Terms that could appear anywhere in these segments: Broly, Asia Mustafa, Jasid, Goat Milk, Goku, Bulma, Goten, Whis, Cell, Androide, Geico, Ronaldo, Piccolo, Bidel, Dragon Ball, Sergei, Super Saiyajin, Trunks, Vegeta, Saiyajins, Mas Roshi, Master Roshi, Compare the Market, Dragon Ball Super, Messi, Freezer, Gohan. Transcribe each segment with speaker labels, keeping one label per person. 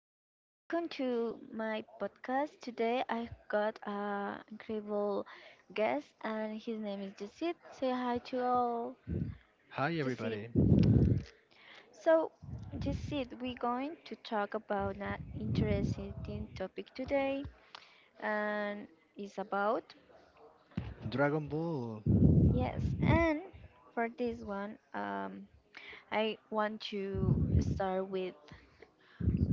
Speaker 1: and welcome to my podcast. Today I've got an incredible guest and his name is Jasid. Say hi to all,
Speaker 2: Hi
Speaker 1: Jasid.
Speaker 2: everybody.
Speaker 1: So Jasid, we're going to talk about an interesting topic today and it's about
Speaker 2: Dragon Ball. Oh
Speaker 1: yes, and for this one I want to start with,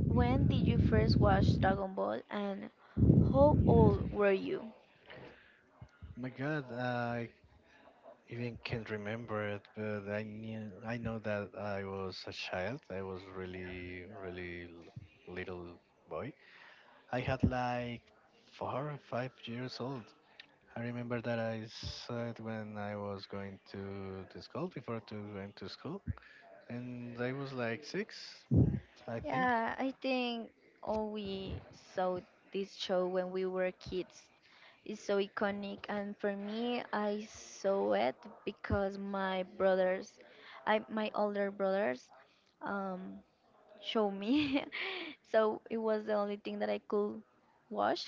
Speaker 1: when did you first watch Dragon Ball and how old were you?
Speaker 2: my God, I even can't remember it, but I know that I was a child. I was really, really little boy. I had like 4 or 5 years old. I remember that I saw it when I was going to the school before to going to school, and I was like 6, I think.
Speaker 1: Yeah, I think all we saw this show when we were kids is so iconic, and for me, I saw it because my brothers, I my older brothers, um, show me, so it was the only thing that I could watch.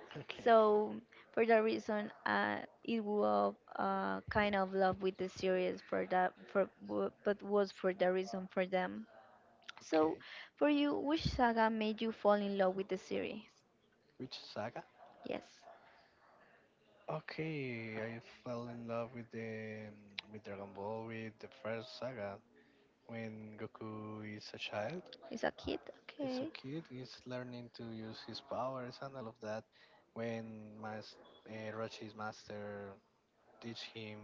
Speaker 2: Okay,
Speaker 1: So for that reason, it was kind of love with the series for that but was for the reason for them. So,
Speaker 2: okay.
Speaker 1: for you, which saga made you fall in love with the series?
Speaker 2: Which saga?
Speaker 1: Yes,
Speaker 2: Okay, I fell in love with the with Dragon Ball with the first saga when Goku is a child.
Speaker 1: it's a kid.
Speaker 2: It's
Speaker 1: Okay.
Speaker 2: a kid. He's learning to use his powers and all of that. When Mas Roshi's master teach him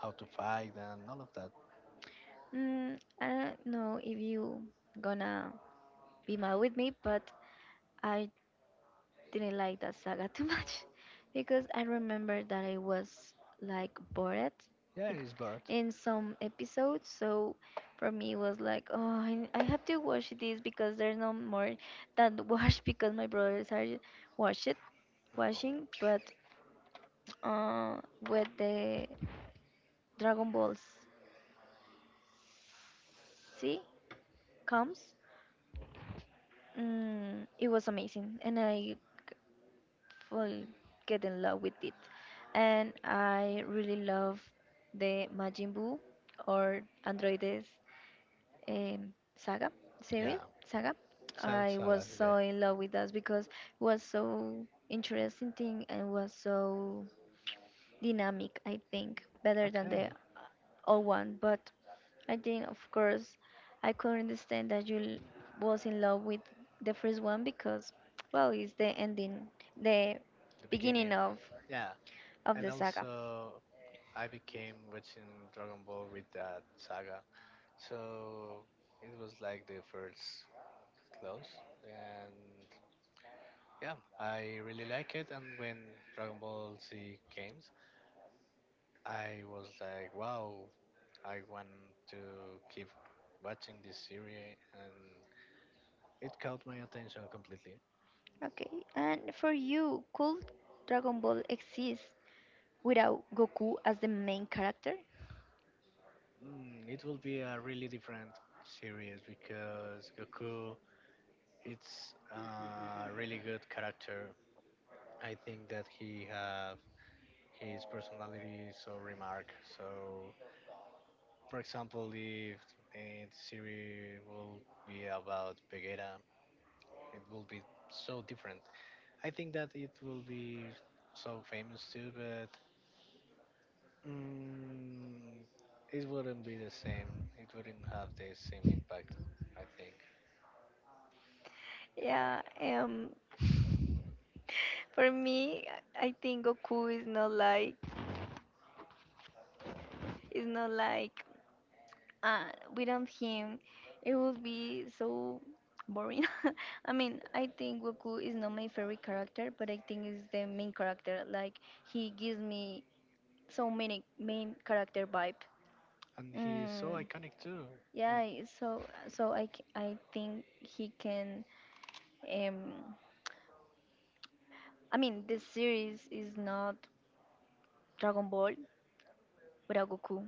Speaker 2: how to fight and all of that.
Speaker 1: Mm, I don't know if you gonna be mad with me, but I didn't like that saga too much because I remember that I was like bored
Speaker 2: Yeah,
Speaker 1: it,
Speaker 2: he's bored.
Speaker 1: in some episodes. So for me, it was like, oh, I have to watch this because there's no more than watch because my brothers are watch it
Speaker 2: Um,
Speaker 1: watching, but uh, with the Dragon Balls Z comes, mm, it was amazing, and fall get in love with it, and I really love the Majin Buu or Androides saga
Speaker 2: yeah,
Speaker 1: series saga.
Speaker 2: Cell
Speaker 1: I was
Speaker 2: Saga. Yeah.
Speaker 1: so in love with that because it was so interesting and was so dynamic, I think, better than the
Speaker 2: Okay,
Speaker 1: old one. But I think, of course, I could understand that was in love with the first one because, well, it's the ending, the
Speaker 2: the beginning.
Speaker 1: beginning
Speaker 2: Yeah,
Speaker 1: of
Speaker 2: and
Speaker 1: the saga.
Speaker 2: also I became watching Dragon Ball with that saga. So it was like the first close, and yeah, I really like it. And when Dragon Ball Z came, I was like, wow, I want to keep watching this series, and it caught my attention completely.
Speaker 1: Okay, and for you, could Dragon Ball exist without Goku as the main character?
Speaker 2: It will be a really different series because Goku, it's a really good character. I think that he have his personality is so remark, so for example, if a series will be about Vegeta, it will be so different. I think that it will be so famous too, but mm, it wouldn't be the same. It wouldn't have the same impact, I think.
Speaker 1: Yeah, for me, I think Goku is not like without him, it would be so boring. I mean, I think Goku is not my favorite character, but I think is the main character. Like he gives me so many main character vibe.
Speaker 2: And he's so
Speaker 1: Mm,
Speaker 2: iconic too.
Speaker 1: yeah,
Speaker 2: Like,
Speaker 1: so I think he can. Um, I mean, this series is not Dragon Ball without Goku.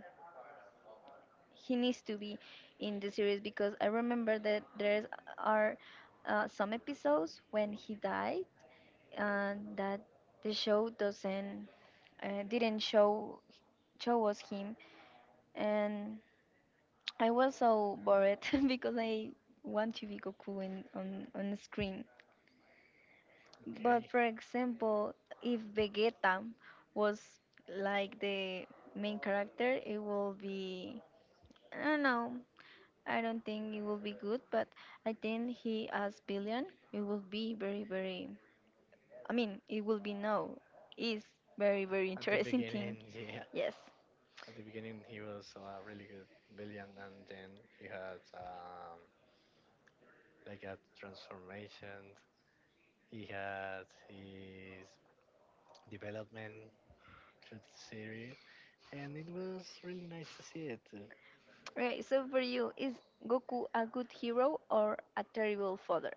Speaker 1: He needs to be in the series because I remember that there are some episodes when he died and that the show doesn't didn't show show us him, and I was so bored because I want to be Goku on screen.
Speaker 2: okay.
Speaker 1: But for example, if Vegeta was like the main character, it will be I don't know. I don't think it will be good, but I think he as billion, it will be very, very. I mean, it will be no, is very, very
Speaker 2: At the
Speaker 1: interesting
Speaker 2: beginning,
Speaker 1: thing.
Speaker 2: yeah.
Speaker 1: Yes.
Speaker 2: At the beginning, he was a really good villain, and then he had like a transformation. He had his development through the series, and it was really nice to see it.
Speaker 1: Right. So for you, is Goku a good hero or a terrible father?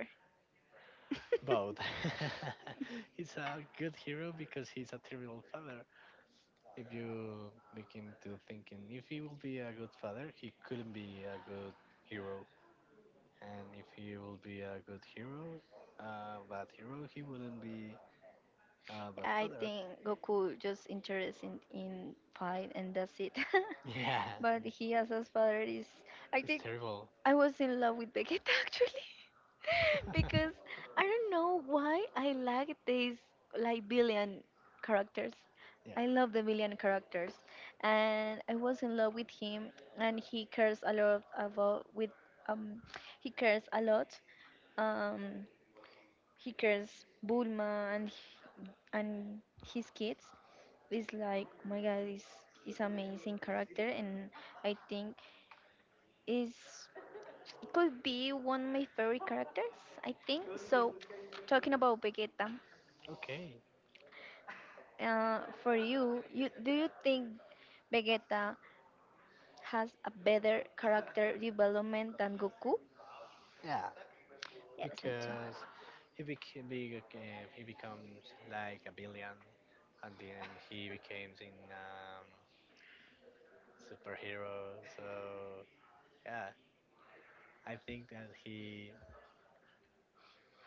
Speaker 2: Both. He's a good hero because he's a terrible father. If you begin to thinking, if he will be a good father, he couldn't be a good hero. And if he will be a good hero, a bad hero, he wouldn't be a bad
Speaker 1: I
Speaker 2: father.
Speaker 1: think Goku just interested in fight and that's it.
Speaker 2: Yeah,
Speaker 1: But he as his father is I
Speaker 2: it's
Speaker 1: think
Speaker 2: terrible.
Speaker 1: I was in love with Vegeta actually because I don't know why I like these like billion characters. I
Speaker 2: Yeah.
Speaker 1: love the villain characters, and I was in love with him, and he cares a lot about with um he cares a lot. Um, he cares Bulma and his kids. It's like oh my god, is amazing character, and I think is could be one of my favorite characters. I think so. Talking about Vegeta,
Speaker 2: Okay.
Speaker 1: for you, do you think Vegeta has a better character development than Goku?
Speaker 2: Yeah,
Speaker 1: Yes, me too.
Speaker 2: because he became big, uh, he becomes like a villain, and then he becomes in superhero. So yeah, I think that he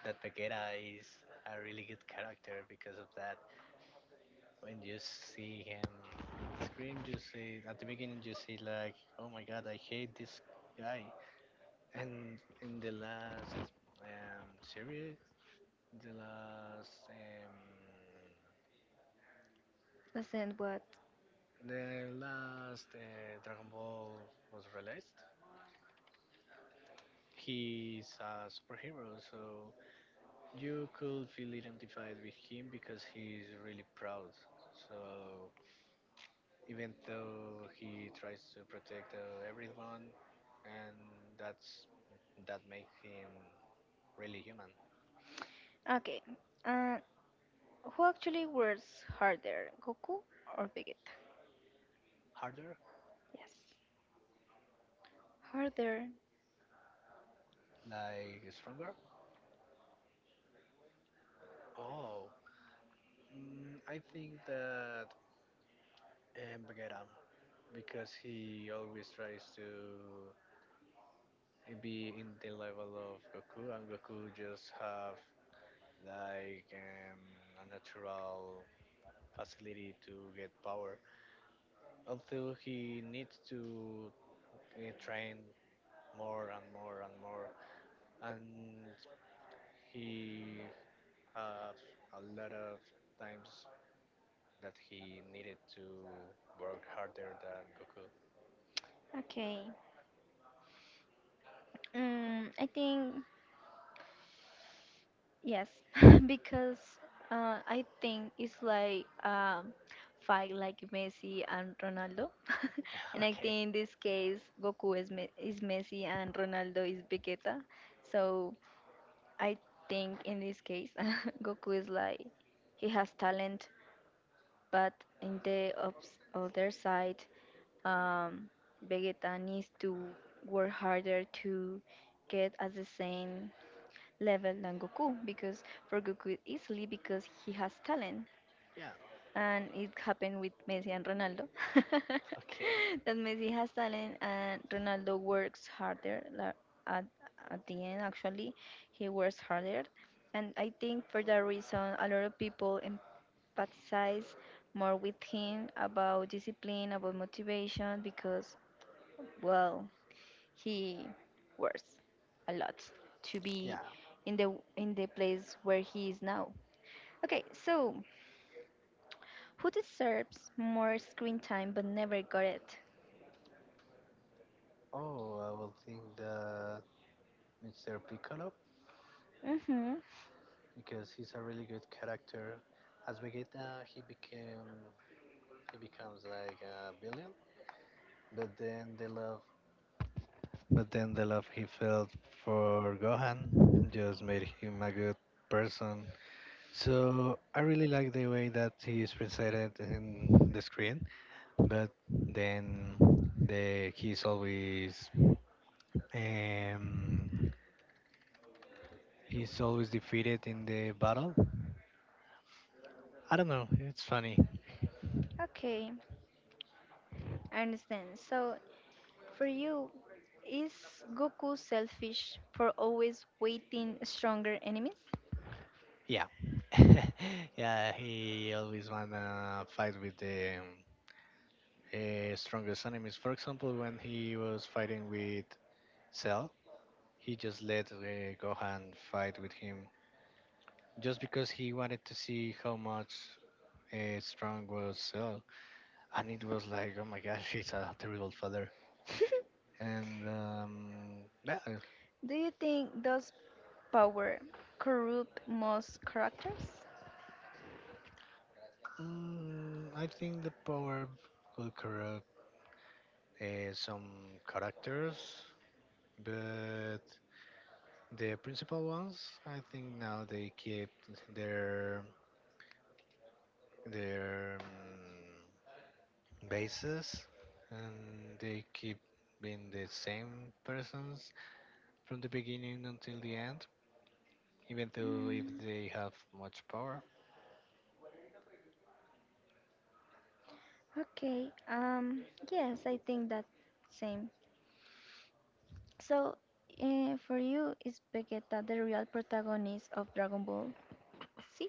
Speaker 2: that Vegeta is a really good character because of that. When you see him in the screen, you see at the beginning you see like, oh my God, I hate this guy, and in the last series, the last um,
Speaker 1: Listen, what?
Speaker 2: the last Dragon Ball was released. He's a superhero, so you could feel identified with him because he's really proud. So even though he tries to protect everyone, and that's that makes him really human.
Speaker 1: Okay. Uh, who actually works harder, Goku or Vegeta?
Speaker 2: Harder,
Speaker 1: Yes. Harder.
Speaker 2: like stronger. Oh, I think that Bagheera, because he always tries to and be in the level of Goku, and Goku just have like a natural facility to get power. Although he needs to train more and more and more, and he have a lot of times that he needed to work harder than Goku.
Speaker 1: Okay. Mm, I think yes, because I think it's like fight like Messi and Ronaldo, and I
Speaker 2: Okay.
Speaker 1: think in this case Goku is Messi and Ronaldo is Vegeta, so I think in this case Goku is like he has talent but in the other side, um, Vegeta needs to work harder to get at the same level than Goku because for Goku easily because he has talent
Speaker 2: Yeah.
Speaker 1: and it happened with Messi and Ronaldo.
Speaker 2: Okay.
Speaker 1: That Messi has talent and Ronaldo works harder at, at the end actually he works harder and I think for that reason a lot of people empathize more with him about discipline about motivation because well he works a lot to be
Speaker 2: Yeah.
Speaker 1: in the place where he is now. Okay, so who deserves more screen time but never got it.
Speaker 2: Oh, I will think the Mr. Piccolo
Speaker 1: Mhm.
Speaker 2: because he's a really good character. As Vegeta, he becomes like a villain, but then the love, but then the love he felt for Gohan just made him a good person. So I really like the way that he is presented in the screen, but then the um he's always defeated in the battle. I don't know, it's funny.
Speaker 1: Okay, I understand. So for you, is Goku selfish for always waiting stronger enemies?
Speaker 2: Yeah. Yeah, he always wanna fight with the strongest enemies. For example, when he was fighting with Cell, he just let Gohan fight with him just because he wanted to see how much strong was Cell. And it was like, oh my gosh, he's a terrible father. And yeah,
Speaker 1: Do you think does power corrupt most characters?
Speaker 2: I think the power could corrupt some characters, but the principal ones, I think now they keep their their bases and they keep being the same persons from the beginning until the end, even though if
Speaker 1: Mm,
Speaker 2: they have much power.
Speaker 1: okay. Yes, I think that same. So, for you, is Vegeta the real protagonist of Dragon Ball? See?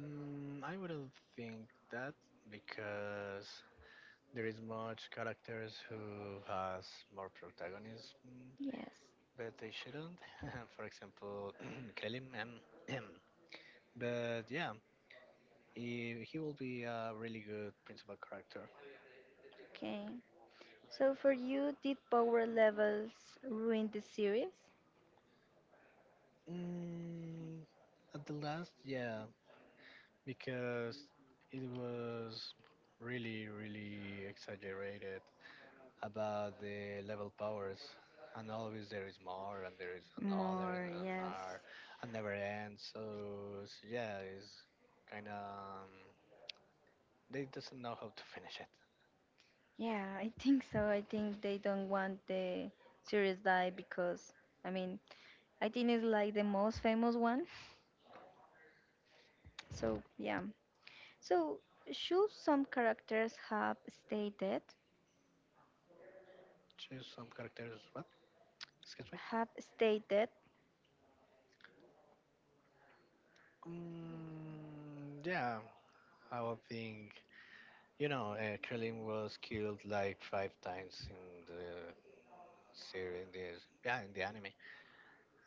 Speaker 2: I wouldn't think that because there is much characters who has more protagonism,
Speaker 1: Yes.
Speaker 2: but they shouldn't. For example, Kelim. But yeah, he will be a really good principal character.
Speaker 1: Okay. So for you, did power levels ruin the series?
Speaker 2: Mm, at the last, yeah, because it was really, really exaggerated about the level powers, and always there is more, and there is another, and
Speaker 1: More, yes.
Speaker 2: another, and never ends. So yeah, it's kind of they doesn't know how to finish it.
Speaker 1: Yeah, I think so. I think they don't want the series die because, I mean, I think it's like the most famous one. So, yeah. So, should some characters have stayed dead?
Speaker 2: Choose some characters. What? Excuse me.
Speaker 1: Have stayed dead?
Speaker 2: Yeah, I would think Krillin was killed like five times in the series, in the yeah, in the anime,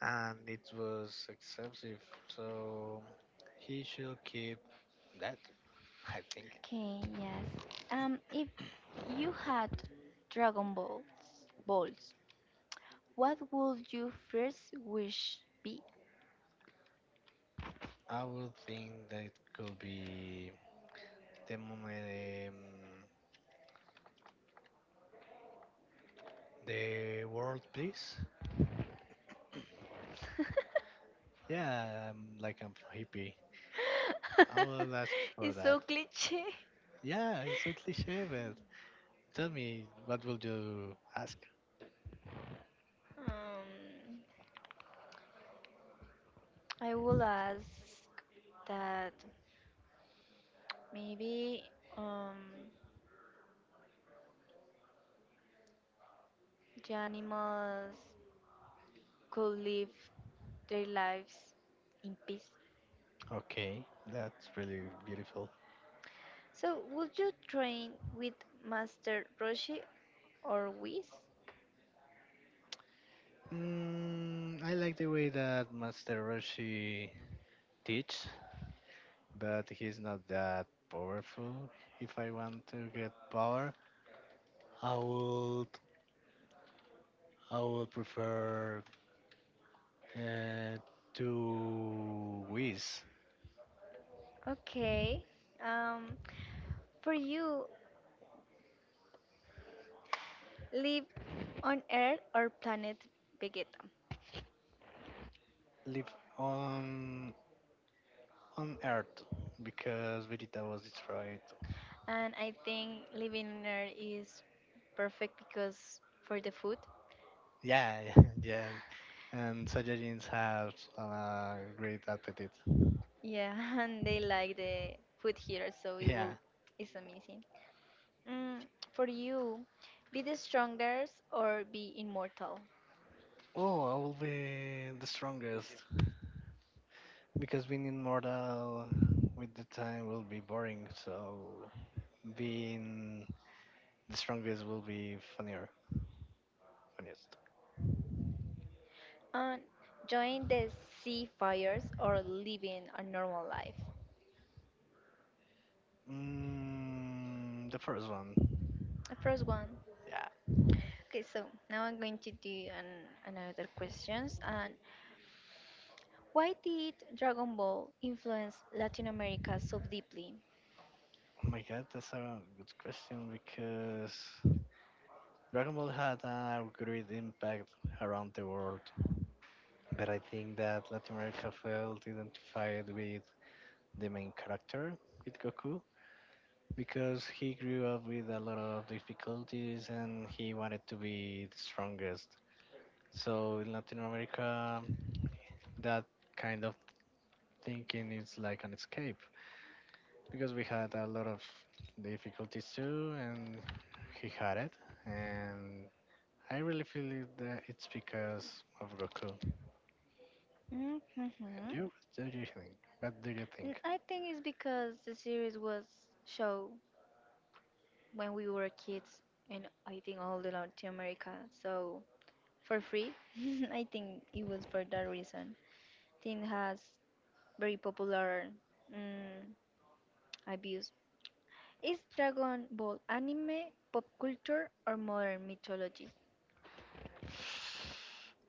Speaker 2: and it was excessive. So he should keep that. I think.
Speaker 1: Okay, yes. If you had Dragon Balls, balls, what would your first wish be?
Speaker 2: I would think that it could be the moment um, the world peace. Yeah, I'm like I'm hippie. I will ask for
Speaker 1: It's
Speaker 2: that.
Speaker 1: so cliche.
Speaker 2: Yeah, it's so cliche, but tell me, what will you ask?
Speaker 1: Um, I will ask that maybe um, the animals could live their lives in peace.
Speaker 2: Okay, that's really beautiful.
Speaker 1: So, would you train with Master Roshi or Whis?
Speaker 2: I like the way that Master Roshi teach, but he's not that powerful. If I want to get power, I would I would prefer uh, to Whis.
Speaker 1: Okay. Um, for you, live on Earth or planet Vegeta?
Speaker 2: Live on on Earth because Vegeta was destroyed.
Speaker 1: And I think living in there is perfect because for the food.
Speaker 2: Yeah, yeah, and Saiyajins have a great appetite.
Speaker 1: Yeah, and they like the food here, so it will
Speaker 2: Yeah.
Speaker 1: it's amazing. Mm, for you, be the strongest or be immortal.
Speaker 2: Oh, I will be the strongest because being immortal with the time will be boring, so being the strongest will be funnier. Funniest.
Speaker 1: And join the sea fires or living a normal life.
Speaker 2: The first one.
Speaker 1: The first one.
Speaker 2: Yeah.
Speaker 1: Okay, so now I'm going to do another questions. And why did Dragon Ball influence Latin America so deeply?
Speaker 2: Oh my God, that's a good question because Dragon Ball had a great impact around the world. But I think that Latin America felt identified with the main character, with Goku, because he grew up with a lot of difficulties and he wanted to be the strongest. So in Latin America, that kind of thinking is like an escape because we had a lot of difficulties too, and he had it. And I really feel it that it's because of Goku.
Speaker 1: Mhm.
Speaker 2: And you, what do you think? What do you
Speaker 1: Mm,
Speaker 2: think?
Speaker 1: I think it's because the series was show when we were kids and I think all the Latin America, so for free. I think it was for that reason. Thing has very popular mm, abuse. Is Dragon Ball anime, pop culture or modern mythology?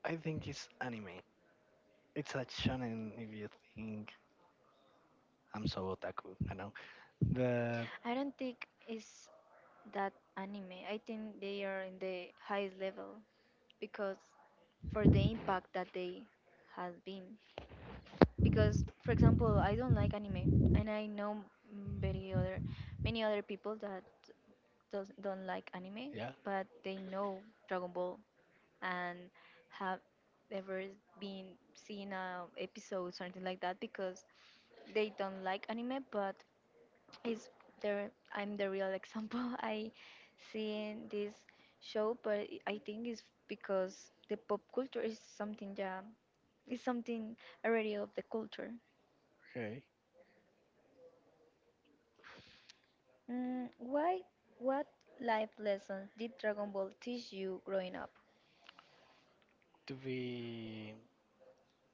Speaker 2: I think it's anime. It's a shonen if you think I'm so otaku, I know. But
Speaker 1: I don't think it's that anime. I think they are in the highest level because for the impact that they has been. Because for example I don't like anime and I know mm, very other many other people that don't like anime
Speaker 2: yeah,
Speaker 1: but they know Dragon Ball and have ever been seen a episode something like that because they don't like anime but is there I'm the real example I seen this show but I think it's because the pop culture is something yeah is something already of the culture.
Speaker 2: okay.
Speaker 1: Mm, why? What life lessons did Dragon Ball teach you growing up?
Speaker 2: To be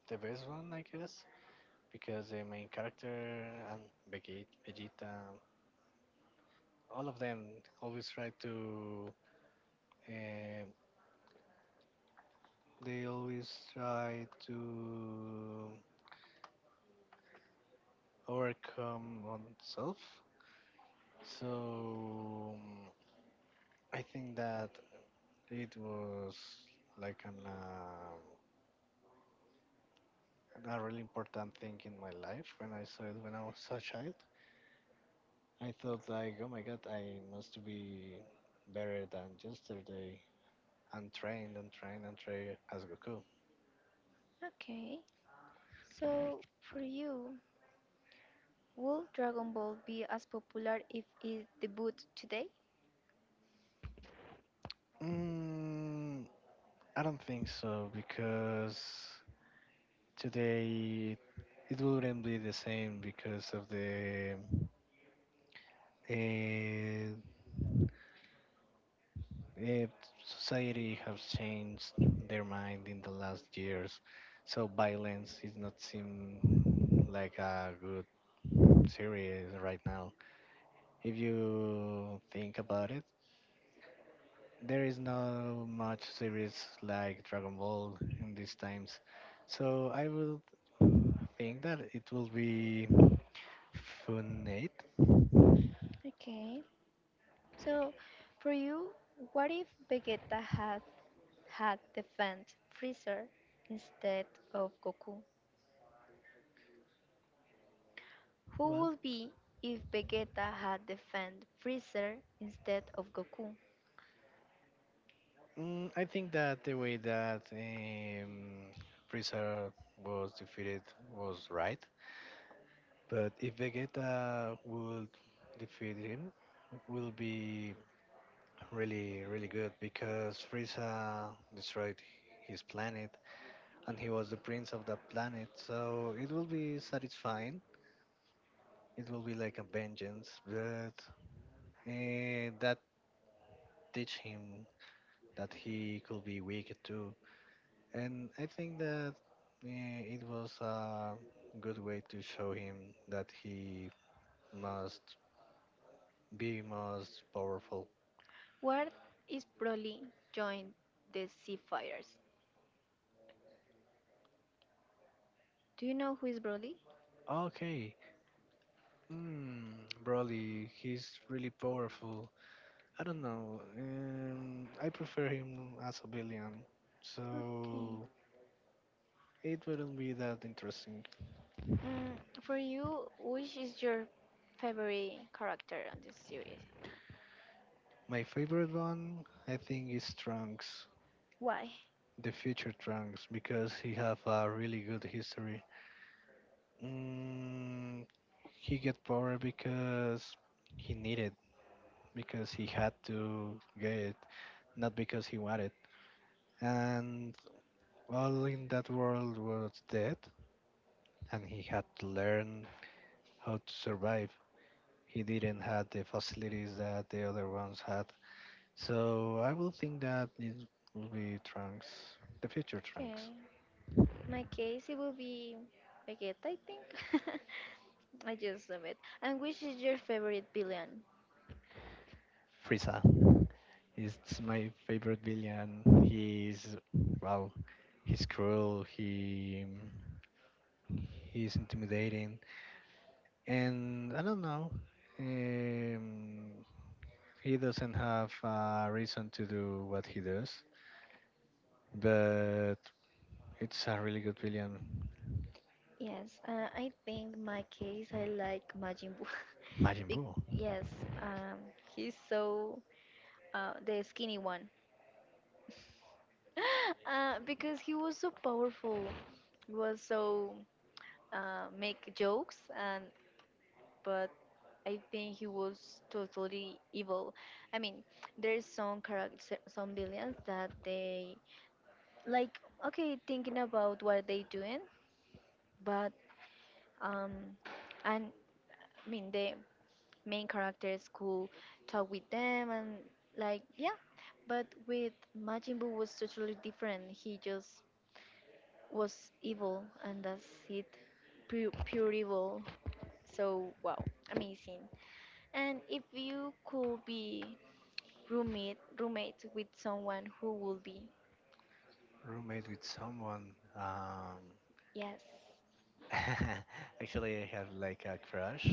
Speaker 2: the best one, I guess. Because the main character and Vegeta all of them always try to um they always try to overcome oneself. So I think that it was like an a really important thing in my life when I saw it when I was a child. I thought like, oh my God, I must be better than yesterday. And train and train and train as Goku?
Speaker 1: Okay, so for you, will Dragon Ball be as popular if it debuted today?
Speaker 2: Mm, I don't think so because today it wouldn't be the same because of the uh, uh, society has changed their mind in the last years. So violence is not seen like a good series right now. If you think about it, there is not much series like Dragon Ball in these times. So I will think that it will be Funate.
Speaker 1: Okay, so for you, what if Vegeta had defend Freezer instead of Goku? Who
Speaker 2: Well,
Speaker 1: would be if Vegeta had defend Freezer instead of Goku?
Speaker 2: I think that the way that Freezer was defeated was right. But if Vegeta would defeat him, will be really, really good because Frieza destroyed his planet and he was the prince of the planet. So it will be satisfying. It will be like a vengeance, but that teach him that he could be weak too. And I think that it was a good way to show him that he must be most powerful.
Speaker 1: Where is Broly joined the Seafires? Do you know who is Broly?
Speaker 2: Okay, Broly, he's really powerful. I don't know. I prefer him as a villain.
Speaker 1: Okay.
Speaker 2: So it wouldn't be that interesting.
Speaker 1: Mm, for you, which is your favorite character on this series?
Speaker 2: My favorite one, I think, is Trunks,
Speaker 1: Why?
Speaker 2: the future Trunks, because he have a really good history. Mm, he get power because he needed, because he had to get it, not because he wanted. And all in that world was dead, and he had to learn how to survive. He didn't have the facilities that the other ones had, so I will think that it will be Trunks, the future
Speaker 1: Okay.
Speaker 2: Trunks.
Speaker 1: My case, it will be Vegeta, I think. I just love it. And which is your favorite villain?
Speaker 2: Frieza is my favorite villain. He is well, he's cruel. He's intimidating, and I don't know. Um, he doesn't have a reason to do what he does, but it's a really good villain.
Speaker 1: Yes, I think my case, I like Majin Buu.
Speaker 2: Majin
Speaker 1: Be-
Speaker 2: Buu,
Speaker 1: yes, um, he's so the skinny one. Uh, because he was so powerful, he was so make jokes and but I think he was totally evil. I mean, there's some character, some villains that they like okay thinking about what they doing, but um, and I mean the main characters could talk with them and like yeah, but with Majin Buu was totally different. He just was evil and that's it pure, pure evil so wow amazing and if you could be roommate with someone who would be
Speaker 2: roommate with someone. Um,
Speaker 1: yes
Speaker 2: Actually, I have like a crush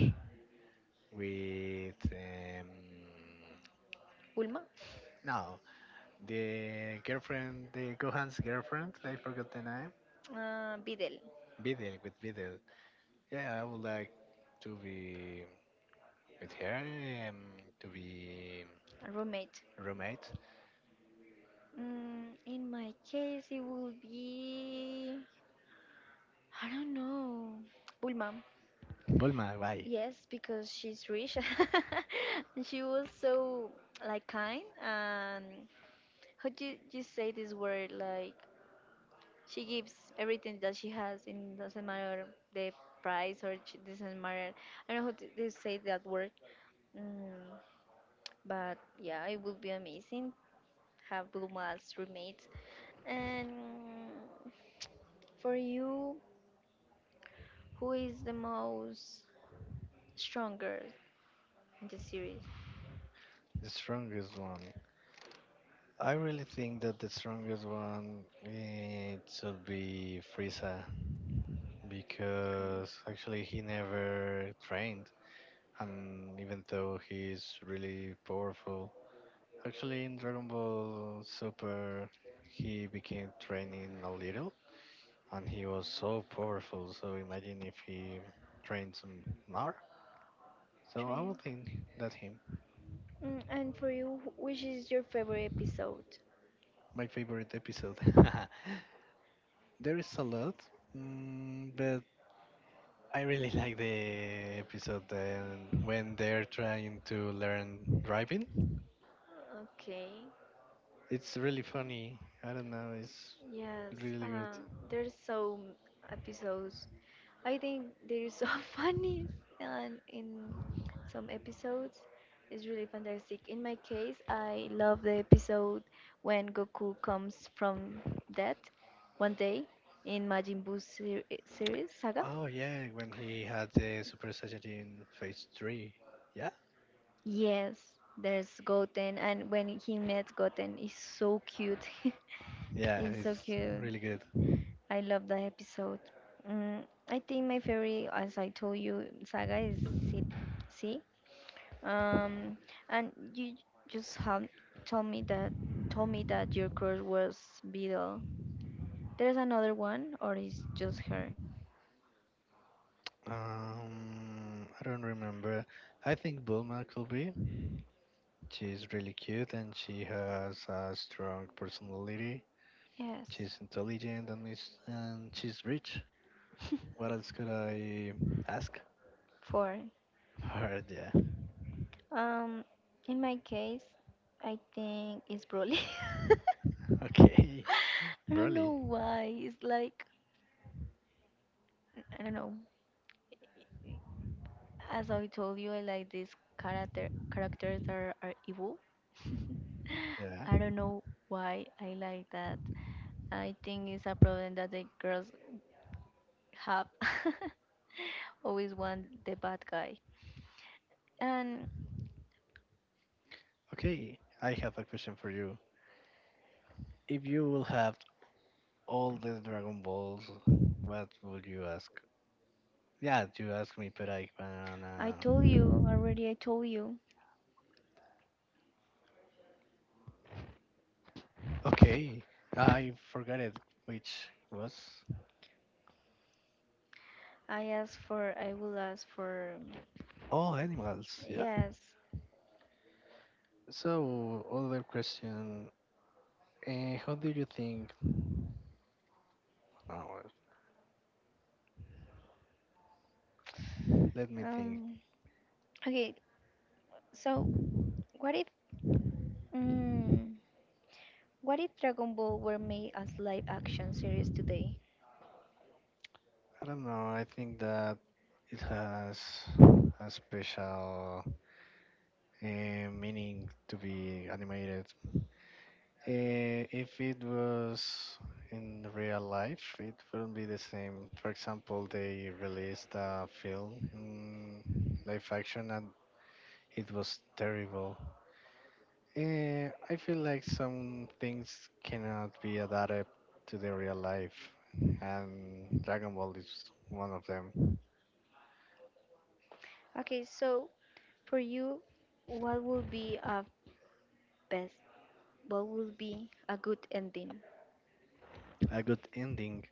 Speaker 2: with
Speaker 1: Bulma
Speaker 2: no, the girlfriend, the Gohan's girlfriend. I forgot the name.
Speaker 1: Bidel
Speaker 2: Videl with Videl. Yeah, I would like to be with her, um, to be
Speaker 1: a roommate
Speaker 2: roommate.
Speaker 1: mm, in my case it would be I don't know Bulma
Speaker 2: Bulma, why?
Speaker 1: yes because she's rich and she was so like kind and how do you, you say this word like she gives everything that she has, and doesn't matter the doesn't matter. I don't know how to they say that word, mm, but yeah, it would be amazing have Bluma as roommates. And for you, who is the most stronger in the series?
Speaker 2: The strongest one. I really think that the strongest one it should be Frieza
Speaker 1: Okay,
Speaker 2: because actually he never trained and even though he's really powerful. Actually, in Dragon Ball Super, he became training a little, and he was so powerful. So imagine if he trained some more. So I
Speaker 1: train.
Speaker 2: would think that's him.
Speaker 1: Mm, and for you, which is your favorite episode?
Speaker 2: My favorite episode. There is a lot, but I really like the episode when they're trying to learn driving.
Speaker 1: Okay.
Speaker 2: It's really funny. I don't know. It's
Speaker 1: Yes.
Speaker 2: really good.
Speaker 1: There's episodes I think they're so funny, and in some episodes, it's really fantastic. In my case, I love the episode when Goku comes from death one day in Majin Buu series saga.
Speaker 2: Oh yeah, when he had the Super Saiyajin Phase Three. Yeah,
Speaker 1: Yes, there's Goten, and when he met Goten, is so cute.
Speaker 2: yeah,
Speaker 1: It's so
Speaker 2: it's
Speaker 1: cute.
Speaker 2: really good.
Speaker 1: I love that episode. Mm, I think my favorite, as I told you, saga is C. C. Um, and you just have told me that told me that your crush was Beetle. There's another one, or is just her?
Speaker 2: I don't remember. I think Bulma could be. She's really cute and she has a strong personality.
Speaker 1: Yes,
Speaker 2: She's intelligent and she's rich. What else could I ask?
Speaker 1: four.
Speaker 2: But yeah.
Speaker 1: Um, in my case, I think it's Broly.
Speaker 2: Okay.
Speaker 1: I don't know
Speaker 2: Broly.
Speaker 1: why. It's like I don't know. As I told you, I like these characters are evil.
Speaker 2: Yeah.
Speaker 1: I don't know why I like that. I think it's a problem that the girls have. Always want the bad guy. And
Speaker 2: Okay. I have a question for you. If you will have all the Dragon Balls, what would you ask? Yeah, you asked me, but I
Speaker 1: I told you.
Speaker 2: Okay, I forgot it, which was
Speaker 1: I will ask for,
Speaker 2: all animals. Yeah.
Speaker 1: yes.
Speaker 2: So other question, how do you think? Oh, let me think.
Speaker 1: Um, okay, so what if, mm, what if Dragon Ball were made as live action series today?
Speaker 2: I don't know. I think that it has a special meaning to be animated. If it was in real life, it wouldn't be the same. For example, they released a film in live action and it was terrible. I feel like some things cannot be adapted to the real life, and Dragon Ball is one of them.
Speaker 1: Okay, so for you, what would be a best, what would be a good ending?
Speaker 2: A good ending.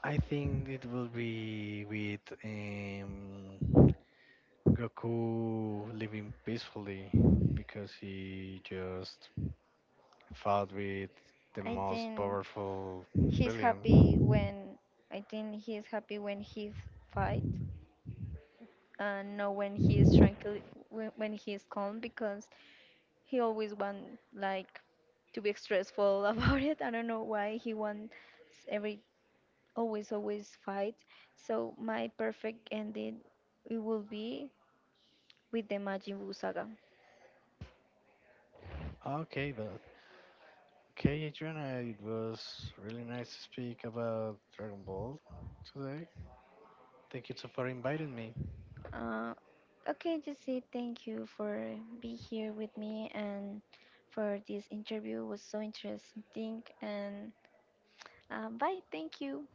Speaker 2: I think it will be with Goku living peacefully because he just fought with the
Speaker 1: I
Speaker 2: most
Speaker 1: think
Speaker 2: powerful
Speaker 1: He's happy
Speaker 2: villain.
Speaker 1: when I think he's happy when fight and not when he is tranquil when he is calm because he always want like to be stressful about it. I don't know why he wants every always fight. So my perfect ending it will be with the Majin Buu saga.
Speaker 2: Okay, but okay, Adriana, it was really nice to speak about Dragon Ball today. Thank you too for inviting me.
Speaker 1: Uh, okay, Jesse, thank you for being here with me and for this interview. It was so interesting and um, bye. Thank you.